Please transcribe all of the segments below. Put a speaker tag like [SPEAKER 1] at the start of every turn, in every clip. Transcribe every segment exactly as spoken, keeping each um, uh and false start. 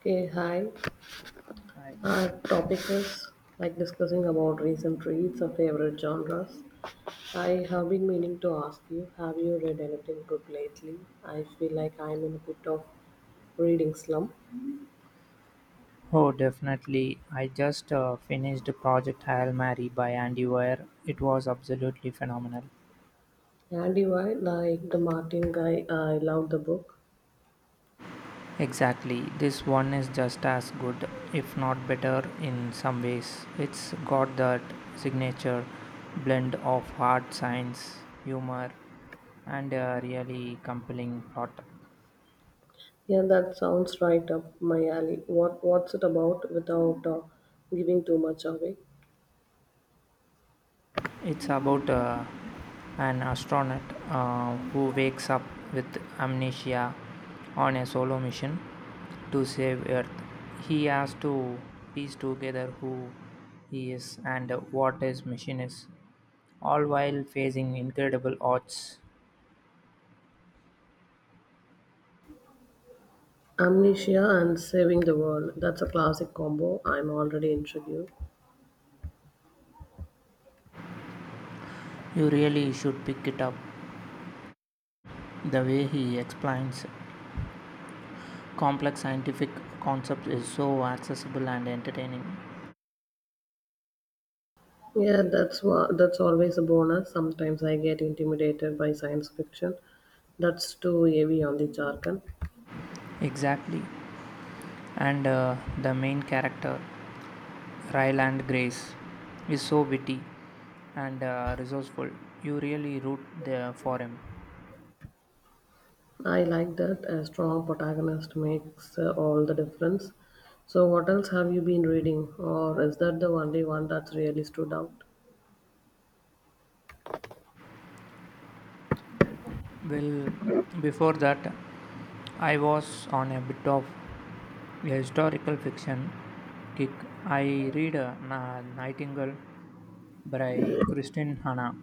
[SPEAKER 1] Okay, hi. Our topic is like discussing about recent reads or favorite genres. I have been meaning to ask you, have you read anything good lately? I feel like I'm in a bit of reading slump.
[SPEAKER 2] Oh, definitely. I just uh, finished Project Hail Mary by Andy Weir. It was absolutely phenomenal.
[SPEAKER 1] And you are like the Martin guy. I love the book.
[SPEAKER 2] Exactly. This one is just as good, if not better, in some ways. It's got that signature blend of hard science, humor, and a really compelling plot.
[SPEAKER 1] Yeah, that sounds right up my alley. What What's it about without uh, giving too much away?
[SPEAKER 2] It's about uh, an astronaut uh, who wakes up with amnesia on a solo mission to save Earth. He has to piece together who he is and what his mission is, all while facing incredible odds.
[SPEAKER 1] Amnesia and Saving the World. That's a classic combo. I'm already intrigued.
[SPEAKER 2] You really should pick it up. The way he explains complex scientific concepts is so accessible and entertaining.
[SPEAKER 1] Yeah, that's what that's always a bonus. Sometimes I get intimidated by science fiction. That's too heavy on the jargon.
[SPEAKER 2] Exactly. And uh, The main character Ryland Grace is so witty and uh, resourceful. You really root there for him.
[SPEAKER 1] I like that a strong protagonist makes uh, all the difference. So what else have you been reading or is that the only one that's really stood out?
[SPEAKER 2] Well, before that, I was on a bit of a historical fiction kick. I read uh, Na- Nightingale by Christine Hanna.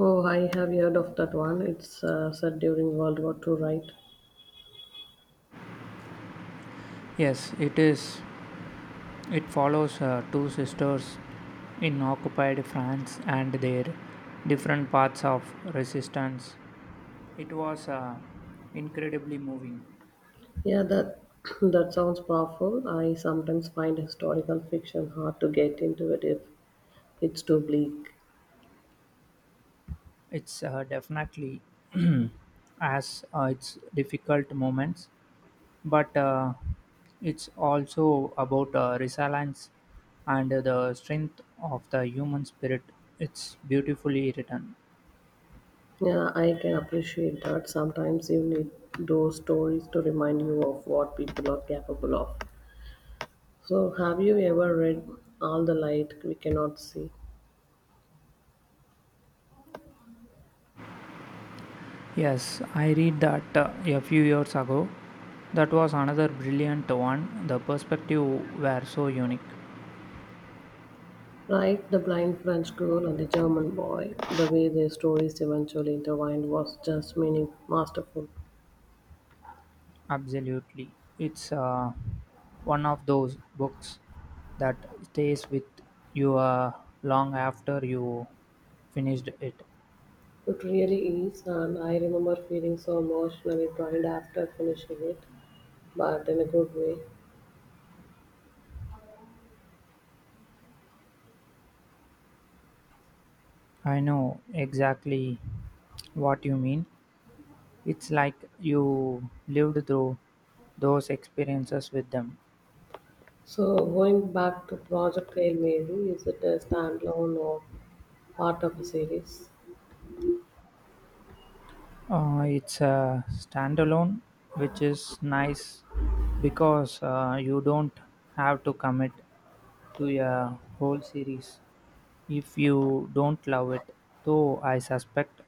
[SPEAKER 1] Oh, I have heard of that one. It's uh, set during World War Two, right?
[SPEAKER 2] Yes, it is. It follows uh, two sisters in occupied France and their different paths of resistance. It was uh, incredibly moving.
[SPEAKER 1] Yeah, that that sounds powerful. I sometimes find historical fiction hard to get into it if it's too bleak.
[SPEAKER 2] It's uh, definitely as uh, its difficult moments, but uh, it's also about uh, resilience and the strength of the human spirit. It's beautifully written.
[SPEAKER 1] Yeah, I can appreciate that. Sometimes you need those stories to remind you of what people are capable of. So, have you ever read All the Light We Cannot See?
[SPEAKER 2] Yes, I read that uh, a few years ago. That was another brilliant one. The perspective were so unique.
[SPEAKER 1] Right, the blind French girl and the German boy, the way their stories eventually intertwined was just meaning masterful.
[SPEAKER 2] Absolutely. It's uh, one of those books that stays with you uh, long after you finished it.
[SPEAKER 1] It really is, and I remember feeling so emotionally drained after finishing it but in a good way.
[SPEAKER 2] I know exactly what you mean. It's like you lived through those experiences with them.
[SPEAKER 1] So going back to Project Hail Mary, is it a standalone or part of a series?
[SPEAKER 2] Uh, it's a standalone, which is nice because uh, you don't have to commit to a whole series if you don't love it. Though I suspect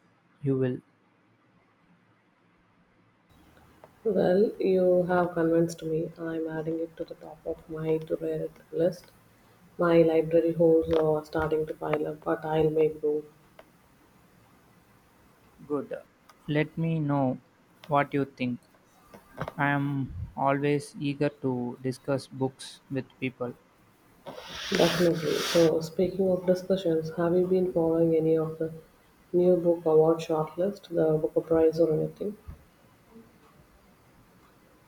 [SPEAKER 2] you will.
[SPEAKER 1] Well, you have convinced me. I'm adding it to the top of my to read list. My library holes are starting to pile up, but I'll make room.
[SPEAKER 2] Good. Let me know what you think. I am always eager to discuss books with people.
[SPEAKER 1] Definitely. So, speaking of discussions, have you been following any of the new book award shortlist, the Booker Prize, or anything?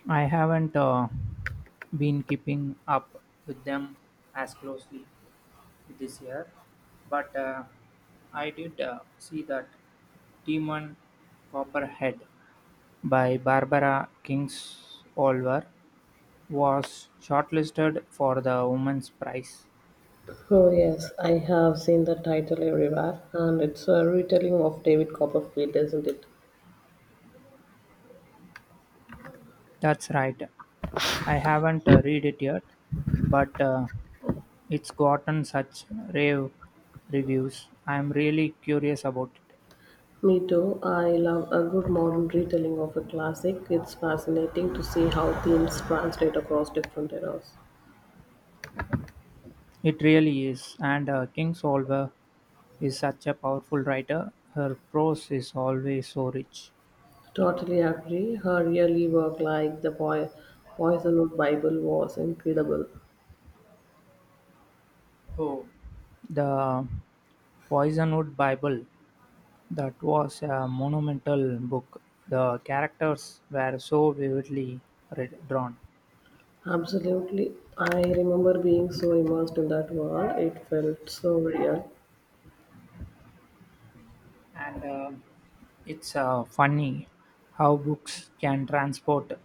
[SPEAKER 2] I haven't uh, been keeping up with them as closely this year, but uh, I did uh, see that Demon Copperhead by Barbara Kingsolver was shortlisted for the Women's Prize.
[SPEAKER 1] Oh, yes, I have seen the title everywhere, and it's a retelling of David Copperfield, isn't it?
[SPEAKER 2] That's right. I haven't uh, read it yet, but uh, it's gotten such rave reviews. I'm really curious about it.
[SPEAKER 1] Me too. I love a good modern retelling of a classic. It's fascinating to see how themes translate across different eras.
[SPEAKER 2] It really is, and uh, Kingsolver is such a powerful writer. Her prose is always so rich.
[SPEAKER 1] Totally agree. Her early work, like The Boy, Poisonwood Bible, was incredible.
[SPEAKER 2] Oh, The Poisonwood Bible, that was a monumental book. The characters were so vividly re- drawn,
[SPEAKER 1] Absolutely. I remember being so immersed in that world. It felt so real.
[SPEAKER 2] and uh, it's uh, funny how books can transport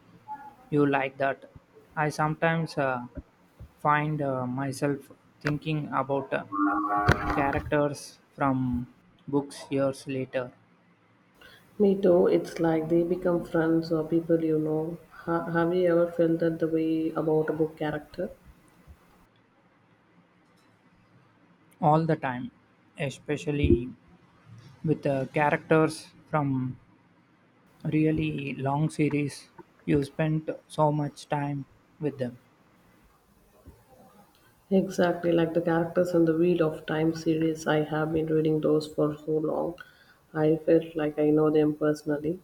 [SPEAKER 2] you like that. I sometimes uh, find uh, myself thinking about uh, characters from books years later
[SPEAKER 1] Me too. It's like they become friends or people you know. Ha- have you ever felt that the way about a book character?
[SPEAKER 2] all the time, especially with uh, characters from really long series. You spent so much time with them.
[SPEAKER 1] Exactly like the characters in the Wheel of Time series, I have been reading those for so long. I felt like I know them personally.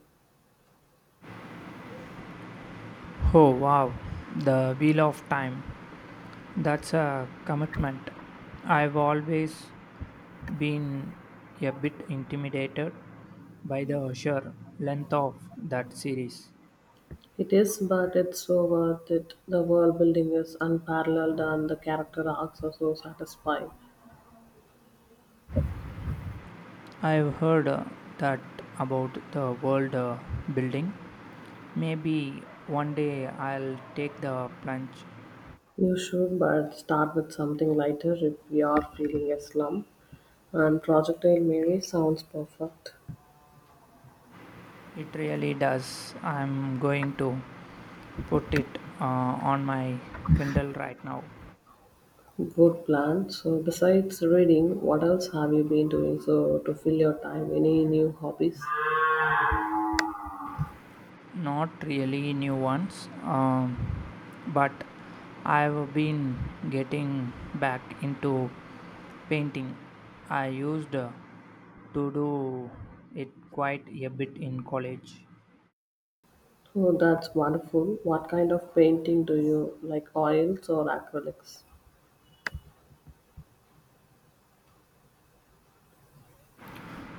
[SPEAKER 2] Oh wow, the Wheel of Time. That's a commitment. I've always been a bit intimidated by the sheer length of that series.
[SPEAKER 1] It is, but it's so worth it. The world building is unparalleled and the character arcs are so satisfying.
[SPEAKER 2] I've heard uh, that about the world uh, building. Maybe one day I'll take the plunge.
[SPEAKER 1] You should, but start with something lighter if you are feeling a slump. And Projectile Mary sounds perfect.
[SPEAKER 2] It really does. I'm going to put it uh, on my Kindle right now.
[SPEAKER 1] Good plan. So, besides reading, what else have you been doing so to fill your time? Any new hobbies?
[SPEAKER 2] Not really new ones, um, but I've been getting back into painting. I used uh, to do it quite a bit in college,
[SPEAKER 1] Oh, that's wonderful. What kind of painting do you like, oils or acrylics?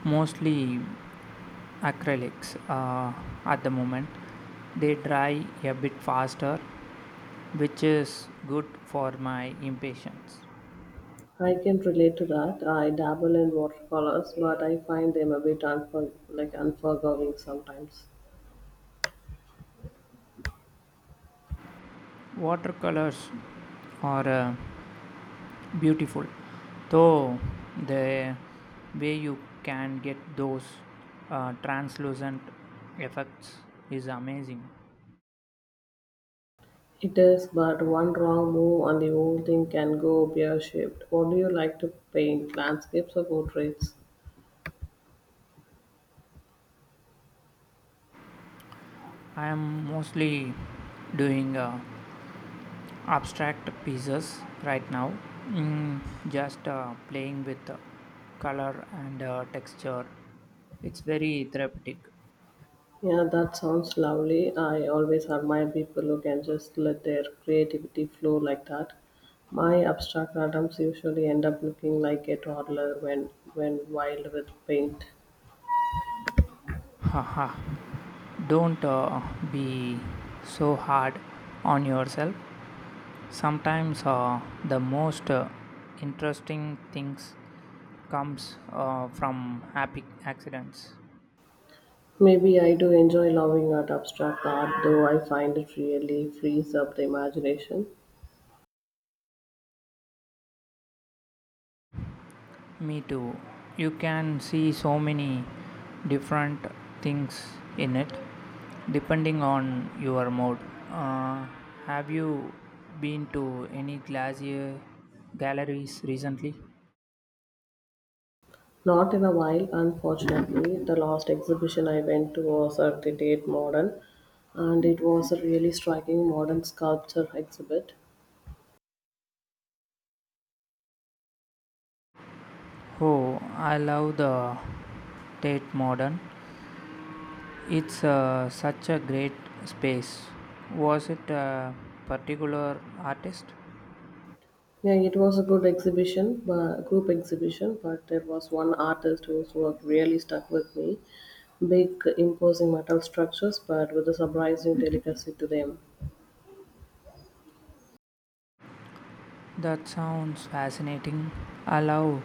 [SPEAKER 2] mostly acrylics uh, at the moment. They dry a bit faster, which is good for my impatience.
[SPEAKER 1] I can relate to that. I dabble in watercolors, but I find them a bit unfor- like unforgiving sometimes.
[SPEAKER 2] Watercolors are uh, beautiful though the way you can get those uh, translucent effects is amazing.
[SPEAKER 1] It is, but one wrong move and the whole thing can go pear shaped. What do you like to paint? Landscapes or portraits?
[SPEAKER 2] I am mostly doing uh, abstract pieces right now, mm, just uh, playing with uh, color and uh, texture. It's very therapeutic.
[SPEAKER 1] Yeah, that sounds lovely. I always admire people who can just let their creativity flow like that. My abstract atoms usually end up looking like a toddler when when wild with paint.
[SPEAKER 2] Haha, don't uh, be so hard on yourself. Sometimes uh, the most uh, interesting things comes uh, from happy accidents.
[SPEAKER 1] Maybe I do enjoy loving at abstract art, though I find it really frees up the imagination.
[SPEAKER 2] Me too. You can see so many different things in it depending on your mood. Uh, have you been to any glacier galleries recently?
[SPEAKER 1] Not in a while, unfortunately. The last exhibition I went to was at the Tate Modern, and it was a really striking modern sculpture exhibit.
[SPEAKER 2] Oh, I love the Tate Modern. It's uh, such a great space. Was it a particular artist?
[SPEAKER 1] Yeah, it was a good exhibition, but group exhibition, but there was one artist whose work really stuck with me. Big, imposing metal structures, but with a surprising delicacy to them.
[SPEAKER 2] That sounds fascinating. I love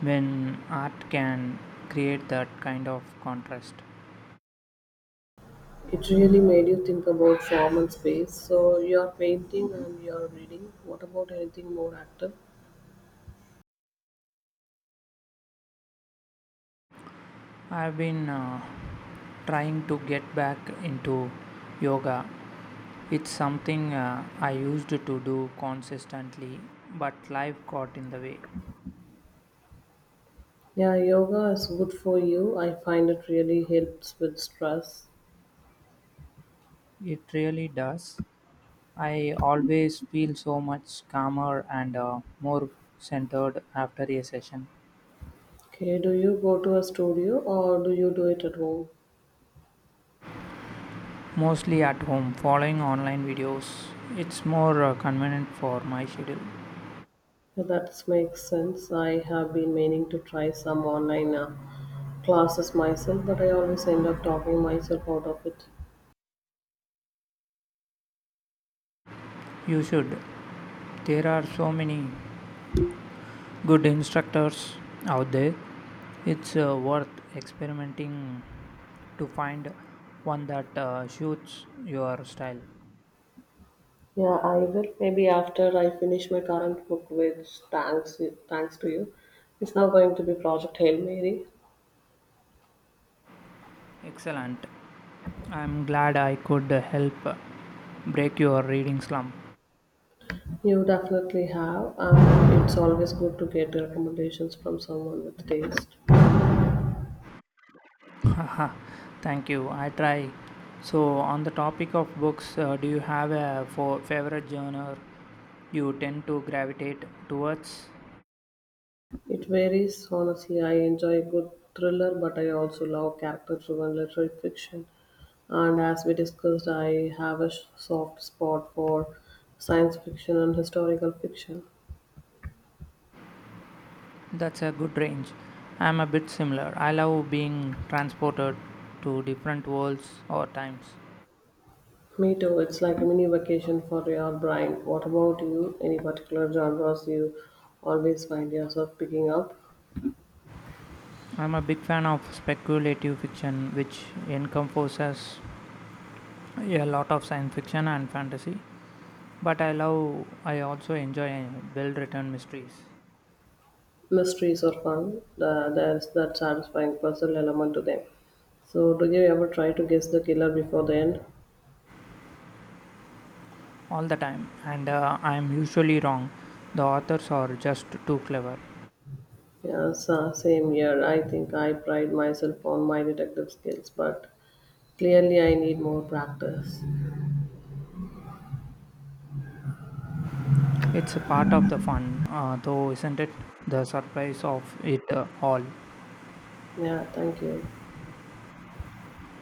[SPEAKER 2] when art can create that kind of contrast.
[SPEAKER 1] It really made you think about form and space. So you're painting and you're reading. What about anything more active?
[SPEAKER 2] I've been uh, trying to get back into yoga. It's something uh, I used to do consistently, but life got in the way.
[SPEAKER 1] Yeah, yoga is good for you. I find it really helps with stress.
[SPEAKER 2] It really does. I always feel so much calmer and uh, more centered after a session.
[SPEAKER 1] Okay, do you go to a studio or do you do it at home?
[SPEAKER 2] Mostly at home, following online videos. It's more uh, convenient for my schedule.
[SPEAKER 1] So That makes sense. I have been meaning to try some online uh, classes myself, but I always end up talking myself out of it.
[SPEAKER 2] You should. There are so many good instructors out there. It's uh, worth experimenting to find one that uh, suits your style.
[SPEAKER 1] Yeah, I will. Maybe after I finish my current book, which thanks thanks to you, it's now going to be Project Hail Mary.
[SPEAKER 2] Excellent. I'm glad I could help break your reading slump.
[SPEAKER 1] You definitely have, and it's always good to get recommendations from someone with taste.
[SPEAKER 2] Haha, thank you. I try. So, on the topic of books, uh, do you have a for favorite genre you tend to gravitate towards?
[SPEAKER 1] It varies, honestly. I enjoy a good thriller, but I also love character driven literary fiction. And as we discussed, I have a sh- soft spot for science fiction and historical fiction.
[SPEAKER 2] That's a good range. I'm a bit similar. I love being transported to different worlds or times.
[SPEAKER 1] Me too, it's like a mini vacation for your brain. What about you? Any particular genres you always find yourself picking up?
[SPEAKER 2] I'm a big fan of speculative fiction, which encompasses a lot of science fiction and fantasy. But I love, I also enjoy well written mysteries.
[SPEAKER 1] Mysteries are fun. Uh, there's that satisfying puzzle element to them. So, do you ever try to guess the killer before the end?
[SPEAKER 2] All the time, and uh, I'm usually wrong. The authors are just too clever.
[SPEAKER 1] Yeah, so same here. I think I pride myself on my detective skills, but clearly I need more practice.
[SPEAKER 2] It's a part of the fun, uh, though, isn't it? The surprise of it uh, all.
[SPEAKER 1] Yeah, thank you.